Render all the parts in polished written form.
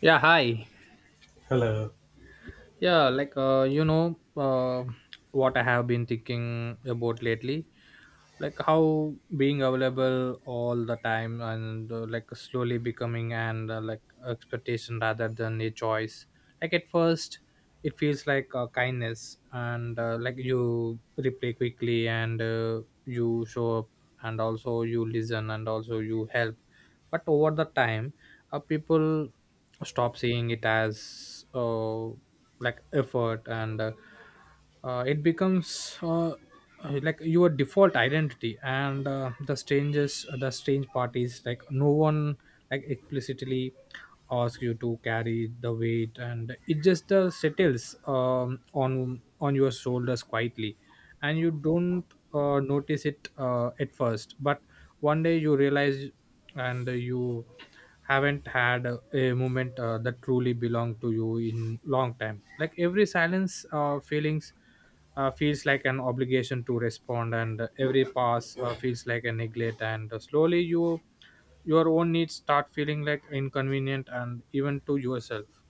Yeah, hi. Hello. yeah like uh, you know uh, what I have been thinking about lately, like how being available all the time and, like, slowly becoming and like expectation rather than a choice. Like at first it feels like, kindness, and, like, you reply quickly, and, you show up, and also you listen, and also you help. But over the time, people stop seeing it as, like, effort, and it becomes, like, your default identity. And the strange part is like no one, like, explicitly asks you to carry the weight, and it just, settles, on your shoulders quietly. And you don't, notice it, at first, but one day you realize and you haven't had a moment, that truly belonged to you in long time. Like every silence, feelings feels like an obligation to respond, and every pass, feels like a neglect. And slowly you, your own needs start feeling like inconvenient, and even to yourself.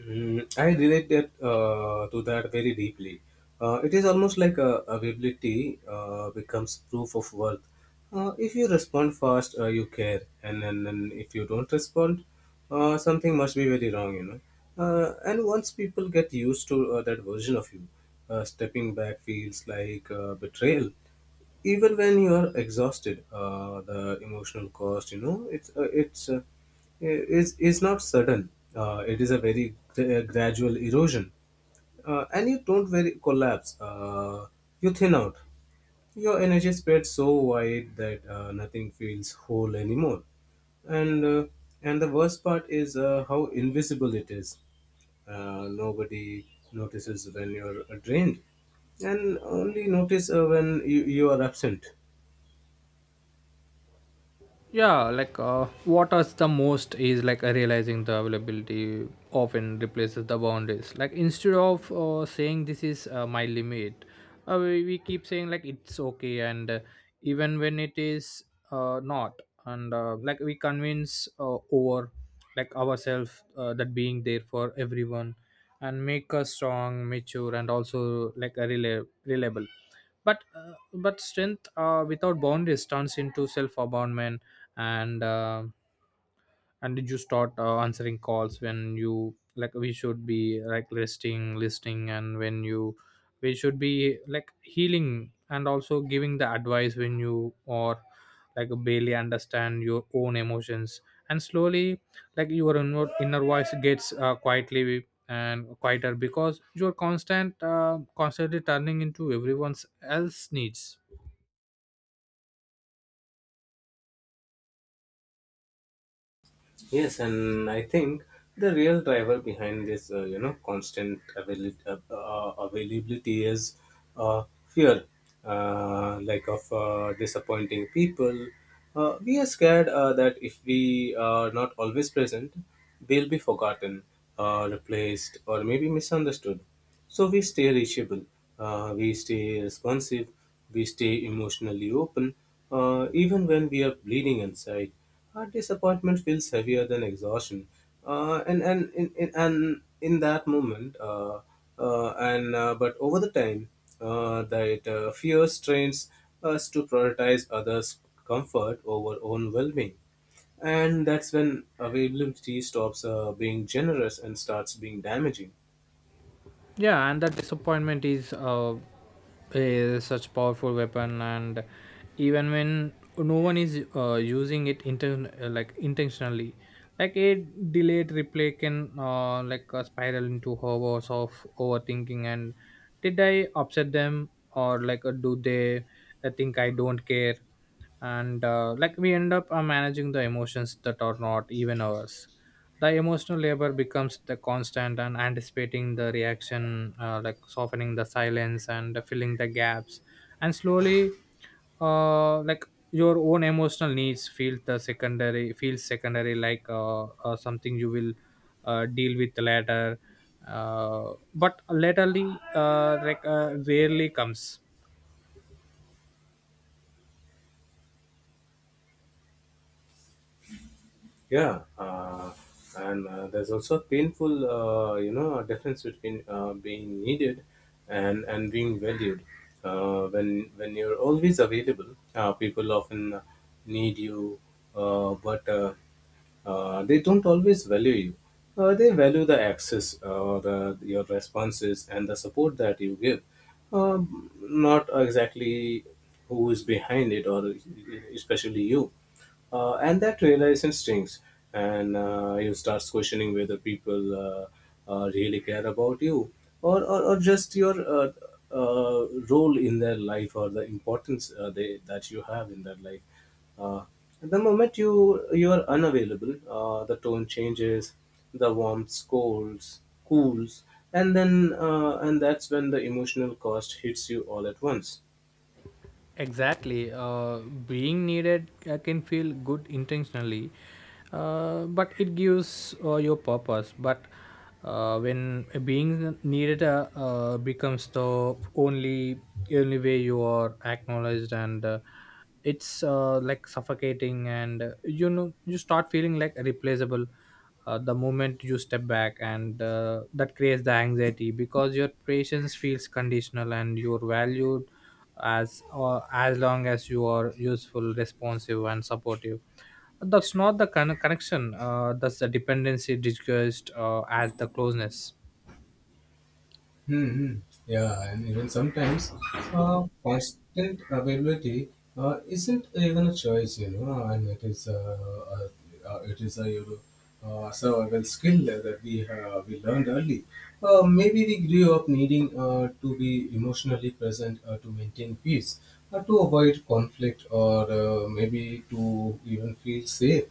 Mm, I relate that to that very deeply. It is almost like availability becomes proof of worth. If you respond fast, you care, and then if you don't respond, something must be very wrong, you know. And once people get used to that version of you, stepping back feels like betrayal. Even when you are exhausted, the emotional cost, you know, it's is not sudden. It is a very gradual erosion. And you don't very collapse, you thin out. Your energy spreads so wide that nothing feels whole anymore. And uh, and the worst part is how invisible it is. Nobody notices when you're drained, and only notice when you are absent. Yeah, like, what us the most is like, realizing the availability often replaces the boundaries. Like instead of, saying this is, my limit, we keep saying like it's okay, and even when it is, not. And like we convince, over, like, ourselves, that being there for everyone and make us strong, mature, and also like a reliable. But, but strength, without boundaries, turns into self abandonment. And and did you start, answering calls when, you like, we should be like listing, and when you, we should be like healing and also giving the advice when you or like barely understand your own emotions. And slowly, like your inner voice gets, quietly and quieter, because you're constantly turning into everyone's else needs. Yes, and I think the real driver behind this, you know, constant availability is fear, like of disappointing people. We are scared that if we are not always present, we'll be forgotten, replaced, or maybe misunderstood. So we stay reachable, we stay responsive, we stay emotionally open, even when we are bleeding inside. Our disappointment feels heavier than exhaustion, and in that moment, and but over the time, that fear strains us to prioritize others' comfort over own well-being, and that's when availability stops being generous and starts being damaging. Yeah, and that disappointment is, uh, is such powerful weapon. And even when no one is, using it, like, intentionally, like a delayed replay can, like, spiral into hours of overthinking. And did I upset them, or like, do they, think I don't care? And like we end up, managing the emotions that are not even ours. The emotional labor becomes the constant, and anticipating the reaction, like softening the silence and filling the gaps. And slowly, like, your own emotional needs feels secondary, like, something you will, deal with later, but latterly, like, rarely comes. Yeah, and there's also a painful, you know, difference between being needed and being valued. Uh, when you're always available, people often need you, but they don't always value you. They value the access, the your responses, and the support that you give. Not exactly who is behind it, or especially you. And that realization stings, and you start questioning whether people really care about you, or just your role in their life, or the importance that you have in their life. uh, the moment you are unavailable, the tone changes, the warmth colds cools. And that's when the emotional cost hits you all at once. Exactly. Being needed, can feel good intentionally, but it gives, your purpose. But, when being needed, becomes the only way you are acknowledged, and, it's, like suffocating, and, you know, you start feeling like replaceable. The moment you step back, and that creates the anxiety, because your patience feels conditional, and your value as, as long as you are useful, responsive, and supportive. That's not the connection, that's the dependency disguised, as the closeness. Hmm. Hmm. Yeah, and even sometimes constant availability isn't even a choice, you know, and it is a, you know, survival skill that we learned early. Maybe we grew up needing to be emotionally present to maintain peace, to avoid conflict, or maybe to even feel safe.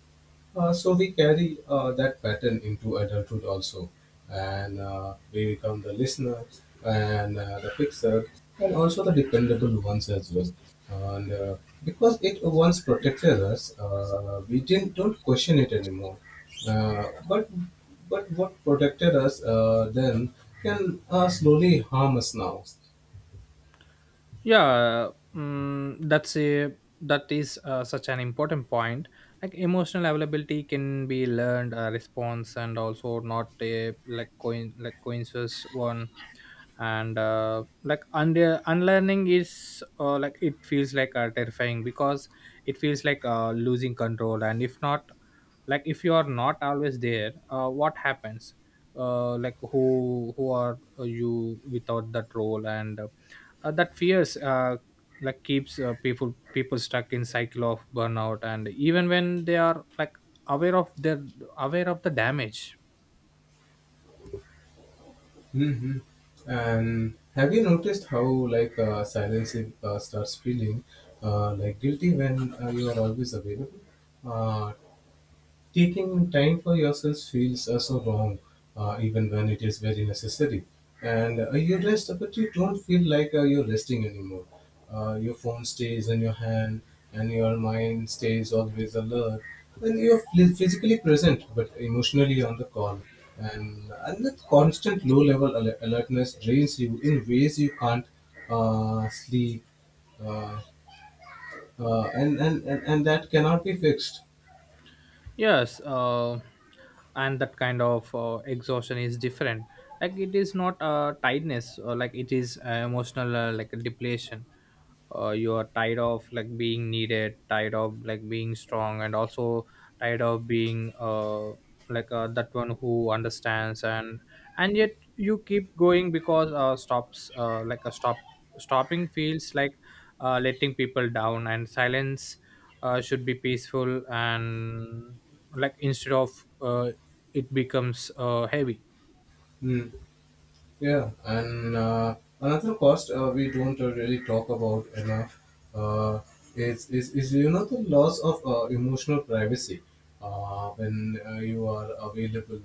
So we carry that pattern into adulthood also, and we become the listener and the fixer, and also the dependable ones as well. And Because it once protected us, we didn't don't question it anymore. Uh, but but what protected us then can slowly harm us now. Yeah. Mm, that's a, that is, such an important point. Like emotional availability can be learned, response, and also not a, like coincidence one. And like unlearning is, like, it feels like, terrifying, because it feels like, losing control. And if not, like if you are not always there, what happens, like, who are you without that role? And that fears, like, keeps, people stuck in cycle of burnout, and even when they are, like, aware of their, aware of the damage. Hmm. And have you noticed how like silence starts feeling like guilty when you are always available? Uh, Taking time for yourself feels so wrong, even when it is very necessary. And you rest, but you don't feel like you're resting anymore. Your phone stays in your hand, and your mind stays always alert. And you're physically present, but emotionally on the call. And that constant low level alertness drains you in ways you can't sleep, uh, and that cannot be fixed. Yes, and that kind of, exhaustion is different. Like it is not, tiredness, or like it is, emotional, like depletion. You are tired of like being needed, tired of like being strong, and also tired of being, like, that one who understands. And yet you keep going, because, stops like, a stop stopping feels like, letting people down. And silence, should be peaceful, and, like, instead of, it becomes, heavy. Hmm. Yeah, and another cost we don't really talk about enough uh, is, is you know, the loss of emotional privacy when you are available,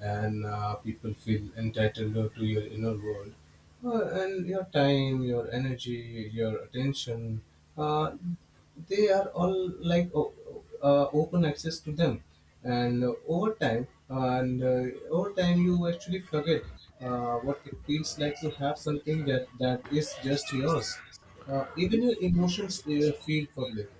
and people feel entitled to your inner world. And your time, your energy, your attention, uh, they are all like open access to them. And over time, you actually forget what it feels like to have something that is just yours. Even your emotions feel public.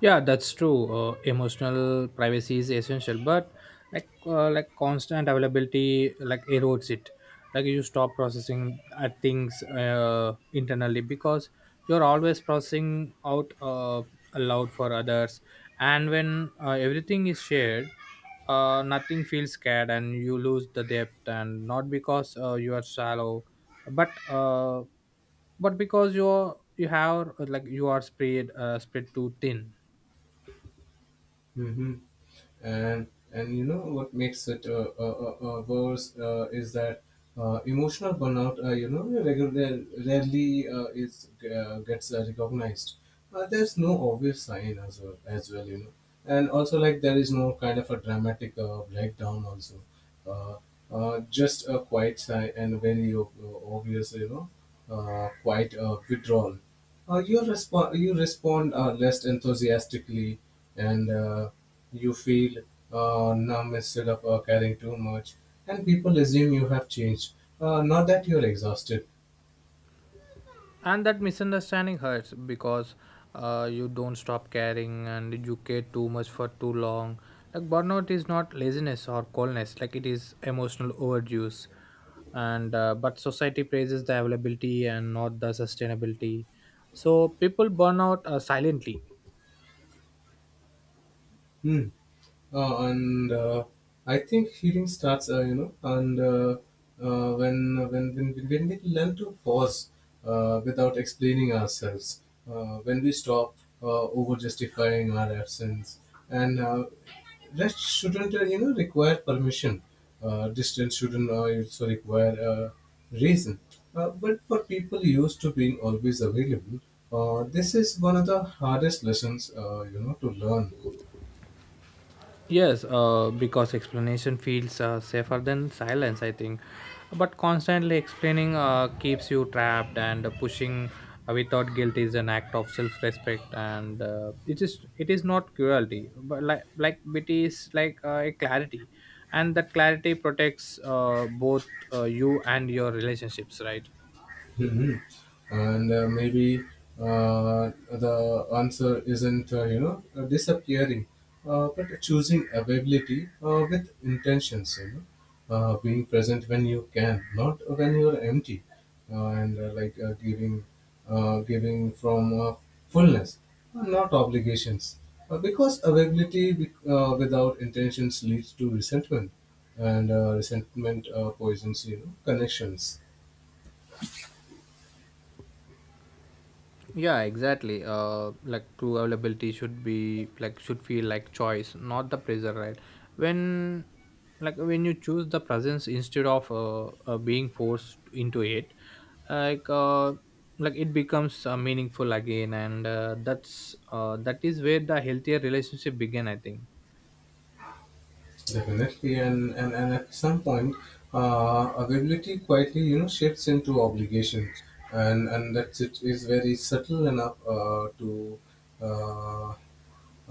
Yeah, that's true. Emotional privacy is essential, but, like, like, constant availability like erodes it. Like you stop processing, things, internally, because you're always processing out, aloud for others. And when, everything is shared, nothing feels scared, and you lose the depth, and not because, you are shallow, but, but because you're, you have, like, you are spread, spread too thin. Mhm. and and you know what makes it worse is that emotional burnout, you know, regularly rarely is gets recognized. There's no obvious sign as well, you know, and also like there is no kind of a dramatic breakdown also, uh, just a quiet sigh and very obvious, you know, quiet withdrawal. You respond. You respond less enthusiastically, and you feel numb instead of caring too much. And people assume you have changed. Not that you're exhausted. And that misunderstanding hurts, because, you don't stop caring, and you care too much for too long. Like burnout is not laziness or coldness, like it is emotional overuse. And but society praises the availability, and not the sustainability, so people burn out, silently. Hmm. And I think healing starts, you know, and when we learn to pause without explaining ourselves, when we stop over justifying our absence, and rest shouldn't, you know, require permission. Distance shouldn't also require reason. But for people used to being always available, this is one of the hardest lessons, you know, to learn. Yes, because explanation feels, safer than silence, I think. But constantly explaining, keeps you trapped, and pushing, without guilt is an act of self-respect, and, it is not cruelty, but like it is like a clarity, and that clarity protects, both, you and your relationships, right? Hmm. And maybe uh, the answer isn't, you know, disappearing, but choosing availability with intentions, you know, being present when you can, not when you're empty, uh, and uh, like uh, giving, giving from fullness, not obligations. Because availability without intentions leads to resentment, and resentment poisons, you know, connections. Yeah, exactly. Like true availability should be like, should feel like choice, not the pressure, right? When, like when you choose the presence instead of, being forced into it, like uh like it becomes, meaningful again. And that is where the healthier relationship begin, I think. Definitely, and at some point, availability quietly, you know, shifts into obligation, and that's, it is very subtle enough to uh,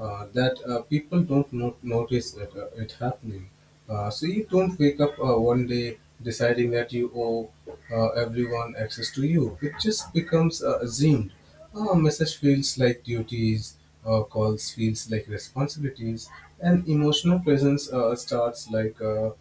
that people don't notice that it happening. So you don't wake up one day deciding that you owe everyone access to you. It just becomes assumed. Message feels like duties, calls feels like responsibilities, and emotional presence starts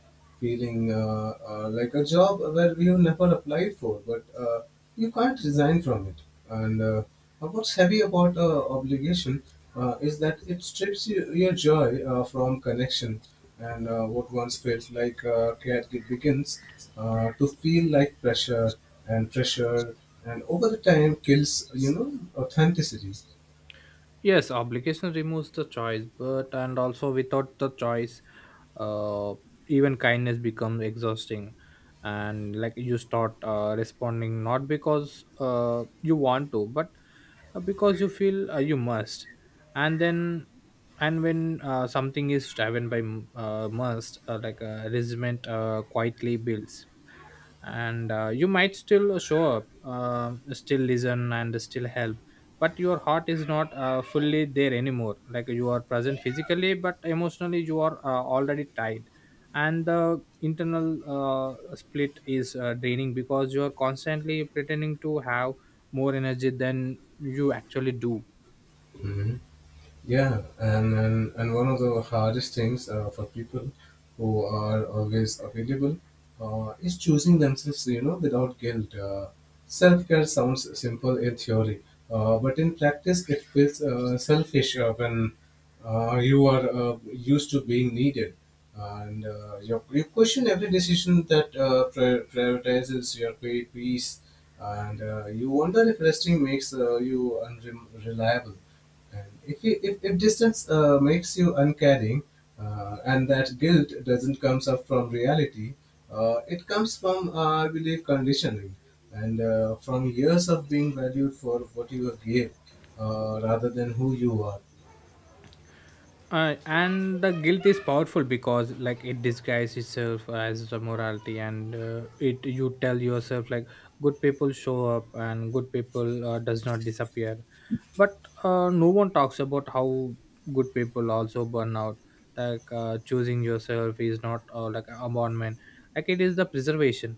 feeling like a job where you never applied for, but you can't resign from it. And What's heavy about obligation is that it strips you, your joy from connection, and what once felt like care it begins to feel like pressure, and over the time kills, you know, authenticity. Yes, obligation removes the choice, but and also without the choice, uh, even kindness becomes exhausting, and like you start, responding not because, you want to, but, because you feel, you must, and then and when, something is driven by must, like, resentment, quietly builds. And you might still show up, still listen, and still help, but your heart is not, fully there anymore. Like you are present physically, but emotionally you are, already tied. And the internal, split is, draining, because you are constantly pretending to have more energy than you actually do. Yeah, and one of the hardest things for people who are always available is choosing themselves, you know, without guilt. Self care sounds simple in theory, but in practice, it feels selfish when you are used to being needed, and you question every decision that prioritizes your peace, and you wonder if resting makes you unreliable, and if distance makes you uncaring, and that guilt doesn't comes up from reality, it comes from, I believe, conditioning, and from years of being valued for what you gave, rather than who you are. And the guilt is powerful, because like it disguises itself as the morality, and, it, you tell yourself like good people show up, and good people, does not disappear. But, no one talks about how good people also burn out. Like, choosing yourself is not, like a abandonment, like it is the preservation.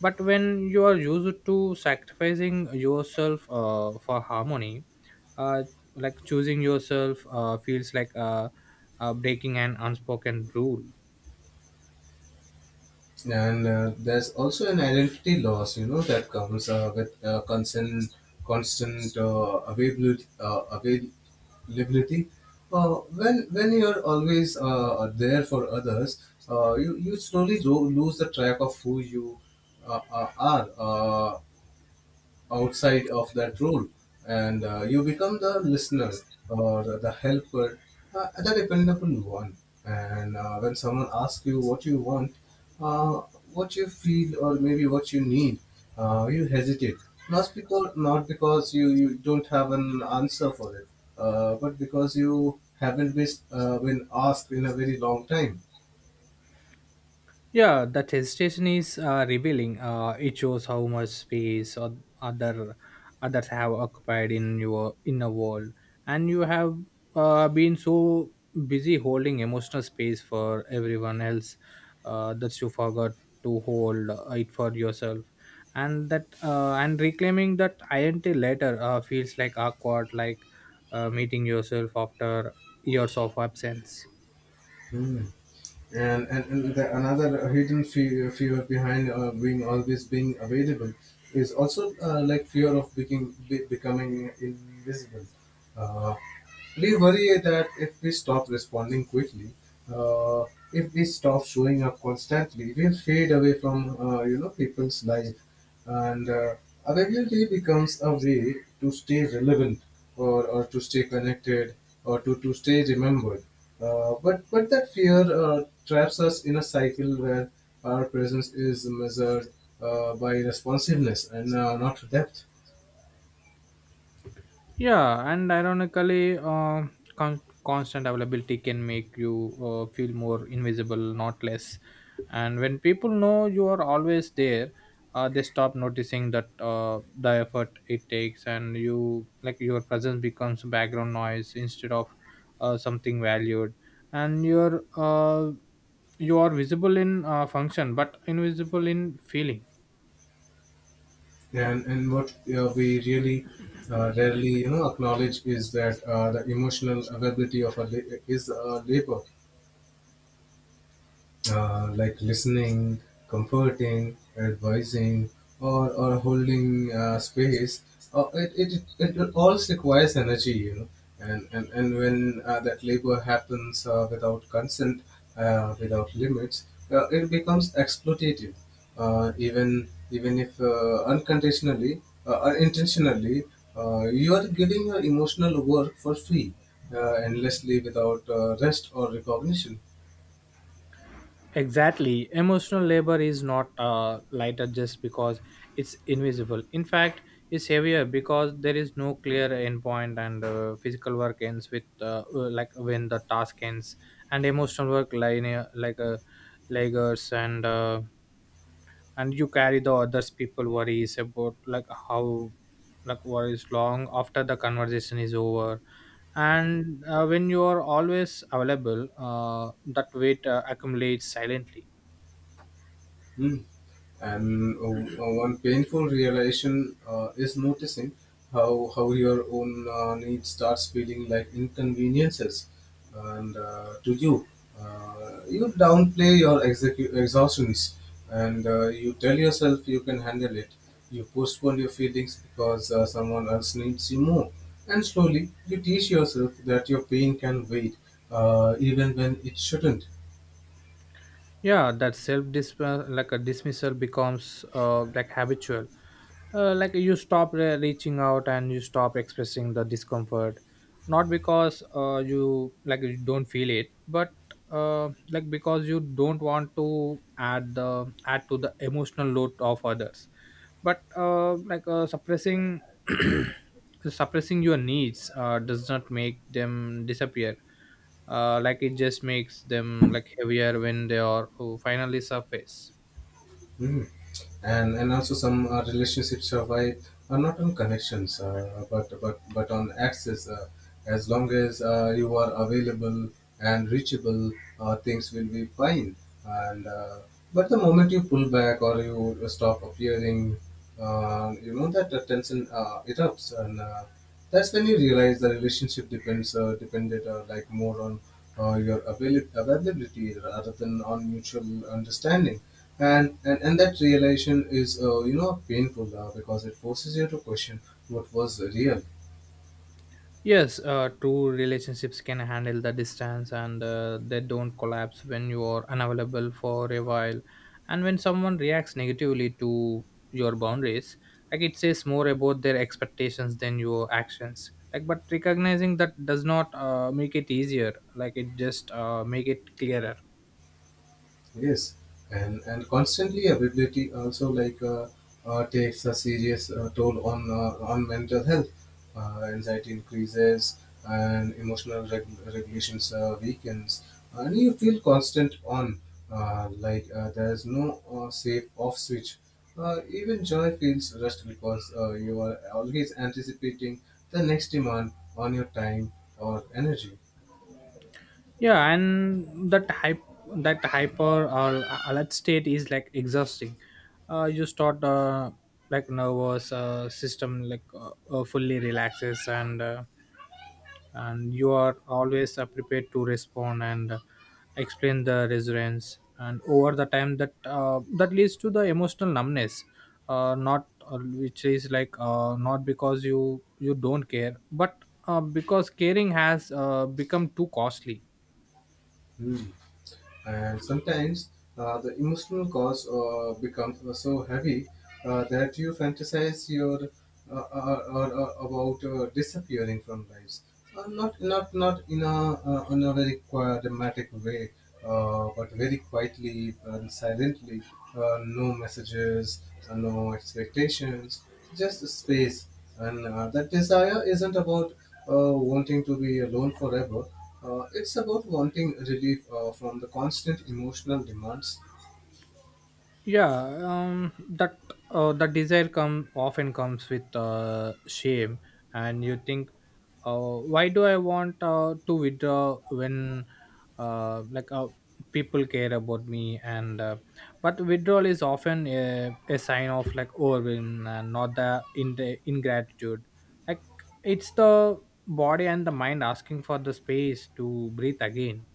But when you are used to sacrificing yourself, for harmony, uh, like, choosing yourself, feels like, breaking an unspoken rule. And there's also an identity loss, you know, that comes with constant availability. Uh, when you're always there for others, you slowly lose the track of who you are, outside of that role, and you become the listener, or the helper, the dependable one. And when someone asks you what you want, uh, what you feel, or maybe what you need, you hesitate. Not because you don't have an answer for it, but because you haven't been asked in a very long time. Yeah, that hesitation is, revealing. It shows how much space or others have occupied in your inner world, and you have, been so busy holding emotional space for everyone else, that you forgot to hold, it for yourself. And that, and reclaiming that identity later, feels like awkward, like, meeting yourself after years of absence. Hmm. And another hidden fear behind being available is also like fear of becoming invisible. uh, we worry that if we stop responding quickly, uh, if we stop showing up constantly, we'll fade away from, you know, people's life, and availability becomes a way to stay relevant, or to stay connected, or to stay remembered. But that fear traps us in a cycle where our presence is measured by responsiveness and not depth. Yeah, and ironically, constant availability can make you, feel more invisible, not less. And when people know you are always there, they stop noticing that, the effort it takes, and you, like your presence becomes background noise instead of, something valued. And you're, you are visible in, function, but invisible in feeling. Yeah, and what we really rarely, you know, acknowledge is that the emotional availability is a labor, like listening, comforting, advising, or holding space, it all requires energy, you know. And when that labor happens without consent, without limits, it becomes exploitative. Even if unconditionally, unintentionally, you are giving your emotional work for free, endlessly without rest or recognition. Exactly. Emotional labor is not, lighter just because it's invisible. In fact, it's heavier because there is no clear endpoint, and physical work ends with like when the task ends, and emotional work linear like lagers and you carry the others people worries about like how like worries long after the conversation is over and when you are always available that weight accumulates silently. Mm. And One painful realization is noticing how your own need starts feeling like inconveniences and to you. You downplay your exhaustions and you tell yourself you can handle it. You postpone your feelings because someone else needs you more. And slowly you teach yourself that your pain can wait even when it shouldn't. Yeah, that self dis like a dismissal becomes like habitual. Like you stop reaching out and you stop expressing the discomfort, not because you like you don't feel it, but like because you don't want to add the add to the emotional load of others. But suppressing suppressing your needs does not make them disappear. Like it just makes them like heavier when they are oh, finally surface. Hmm. And also some relationships survive not on connections, but on access. As long as you are available and reachable, things will be fine. And uh, but the moment you pull back or you stop appearing, you know that the tension erupts and that's when you realize the relationship depends depended, more on your availability rather than on mutual understanding. And that realization is, you know, painful, because it forces you to question what was real. Yes, two relationships can handle the distance, and they don't collapse when you are unavailable for a while. And when someone reacts negatively to your boundaries, like it says more about their expectations than your actions. Like, but recognizing that does not make it easier, like it just make it clearer. Yes, and constantly availability also, takes a serious toll on, on mental health. Anxiety increases and emotional regulations weakens, and you feel constant on, there is no safe off switch. Even joy feels rushed because you are always anticipating the next demand on your time or energy. Yeah, and that hype that hyper or alert state is like exhausting. You start Like nervous system like fully relaxes, and you are always prepared to respond, and explain the resilience, and over the time that that leads to the emotional numbness. Not Which is not because you don't care, but because caring has become too costly. Hmm. And sometimes the emotional cost becomes so heavy, that you fantasize your about disappearing from lives. Not in a, in a very dramatic way, but very quietly and silently. No messages, no expectations, just space. And that desire isn't about wanting to be alone forever. It's about wanting relief from the constant emotional demands. Yeah. That that desire come often comes with shame, and you think, why do I want to withdraw when uh, like uh, people care about me? And But withdrawal is often a sign of like overwhelm and not the in the ingratitude. Like, it's the body and the mind asking for the space to breathe again.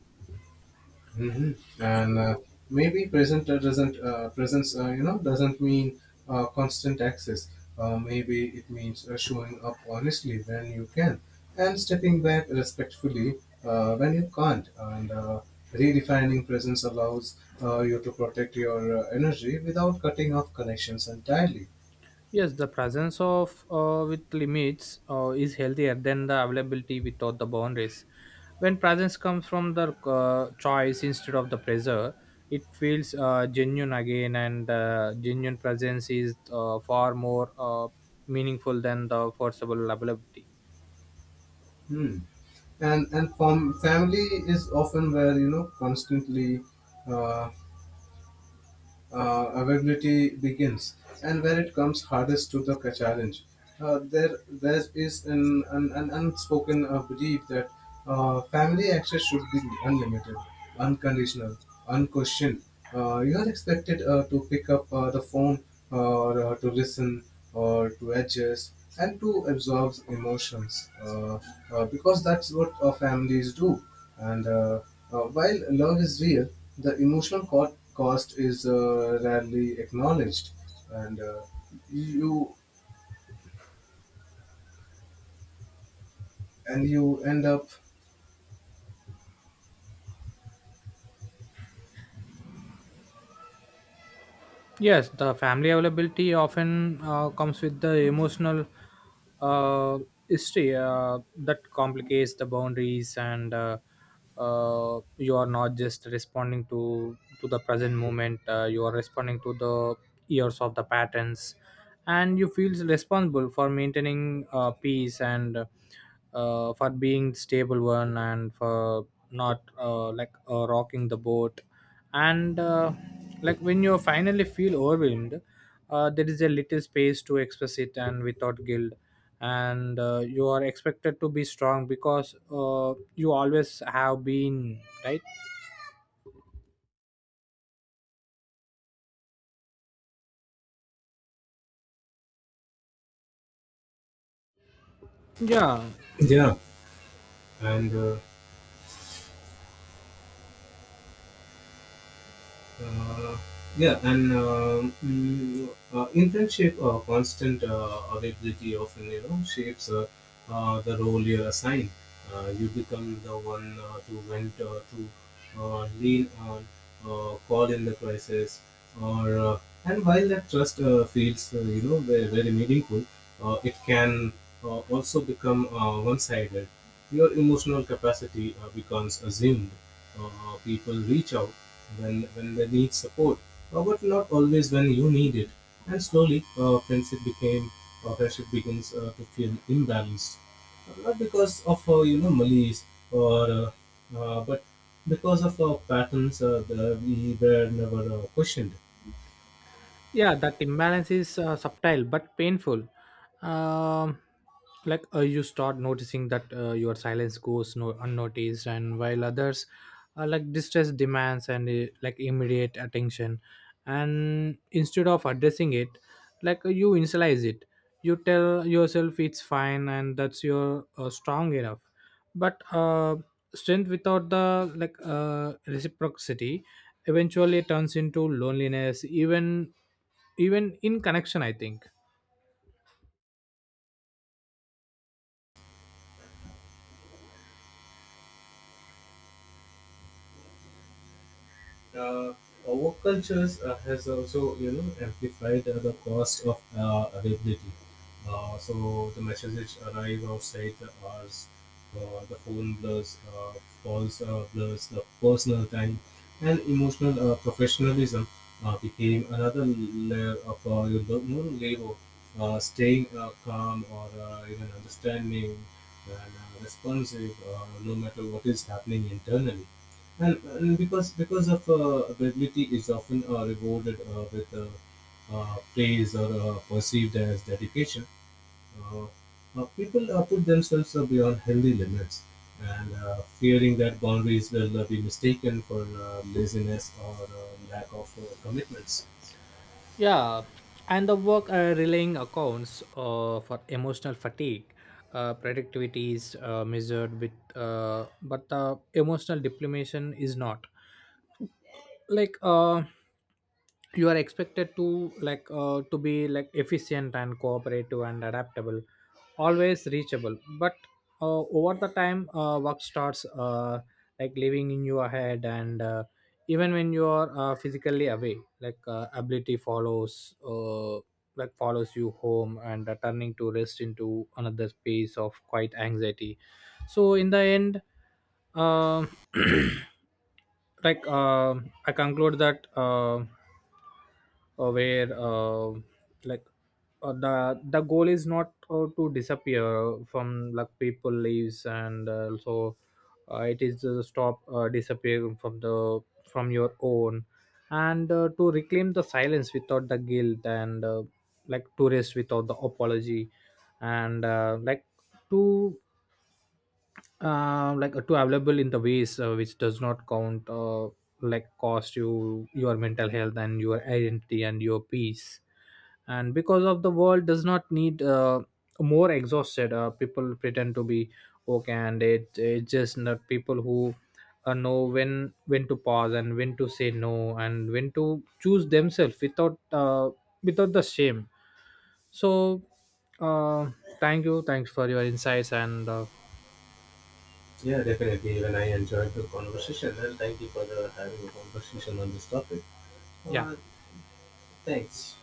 Hmm. And uh, maybe present uh, doesn't uh, presence, you know, doesn't mean constant access. Maybe it means showing up honestly when you can, and stepping back respectfully when you can't. And redefining presence allows you to protect your energy without cutting off connections entirely. Yes, the presence of with limits is healthier than the availability without the boundaries. When presence comes from the choice instead of the pressure, it feels genuine again, and genuine presence is far more meaningful than the forcible availability. Hmm. And family is often where, you know, constantly uh, availability begins and where it comes hardest to the challenge. There is an unspoken belief that family access should be unlimited, unconditional, unquestioned. You are expected to pick up the phone or to listen or to adjust and to absorb emotions, because that's what families do. And while love is real, the emotional cost is rarely acknowledged, and uh, you and you end up. Yes, the family availability often comes with the emotional uh, history that complicates the boundaries, and you are not just responding to the present moment. You are responding to the years of the patterns, and you feel responsible for maintaining peace, and for being stable one, and for not rocking the boat, and like when you finally feel overwhelmed, there is a little space to express it and without guilt, and you are expected to be strong because you always have been right. Yeah. Yeah. and uh, Yeah, and mm, in Constant availability often, you know, shapes the role you're assigned. You become the one to vent, to lean on, call in the crisis, or and while that trust feels, you know, very, very meaningful, it can also become one-sided. Your emotional capacity becomes assumed. People reach out when they need support, but not always when you need it. And slowly, friendship begins to feel imbalanced, not because of, you know, malice or but because of patterns that we were never questioned. Yeah, that imbalance is subtle but painful. um, like you start noticing that your silence goes no unnoticed, and while others like distress demands, and like immediate attention, and instead of addressing it, you initialize it. You tell yourself it's fine and that's your strong enough. But strength without the reciprocity eventually turns into loneliness, even even in connection, I think. uh, Woke cultures has also, you know, amplified the cost of availability. So the messages arrive outside the hours, the phone blurs, calls blurs, the personal time, and emotional professionalism became another layer of, you know, labor. Uh, Yeah, and the work relaying accounts for emotional fatigue. Productivity is measured with but the emotional depletion is not. like uh you are expected to to be like efficient and cooperative and adaptable, always reachable, but over the time work starts like living in your head, and even when you are physically away, ability follows like follows you home, and turning to rest into another space of quiet anxiety. So in the end, um like uh, I conclude that where like the goal is not to disappear from like people lives, and also it is to stop disappearing from the from your own, and to reclaim the silence without the guilt, and like to rest without the apology, and to like to available in the ways which does not count like cost you your mental health and your identity and your peace. And because of the world does not need more exhausted people pretend to be okay. And it's just not people who know when to pause, and when to say no, and when to choose themselves without without the shame. So uh, thanks for your insights. And yeah, definitely. Even I enjoyed the conversation, and thank you for having a conversation on this topic. Uh, Yeah. Thanks.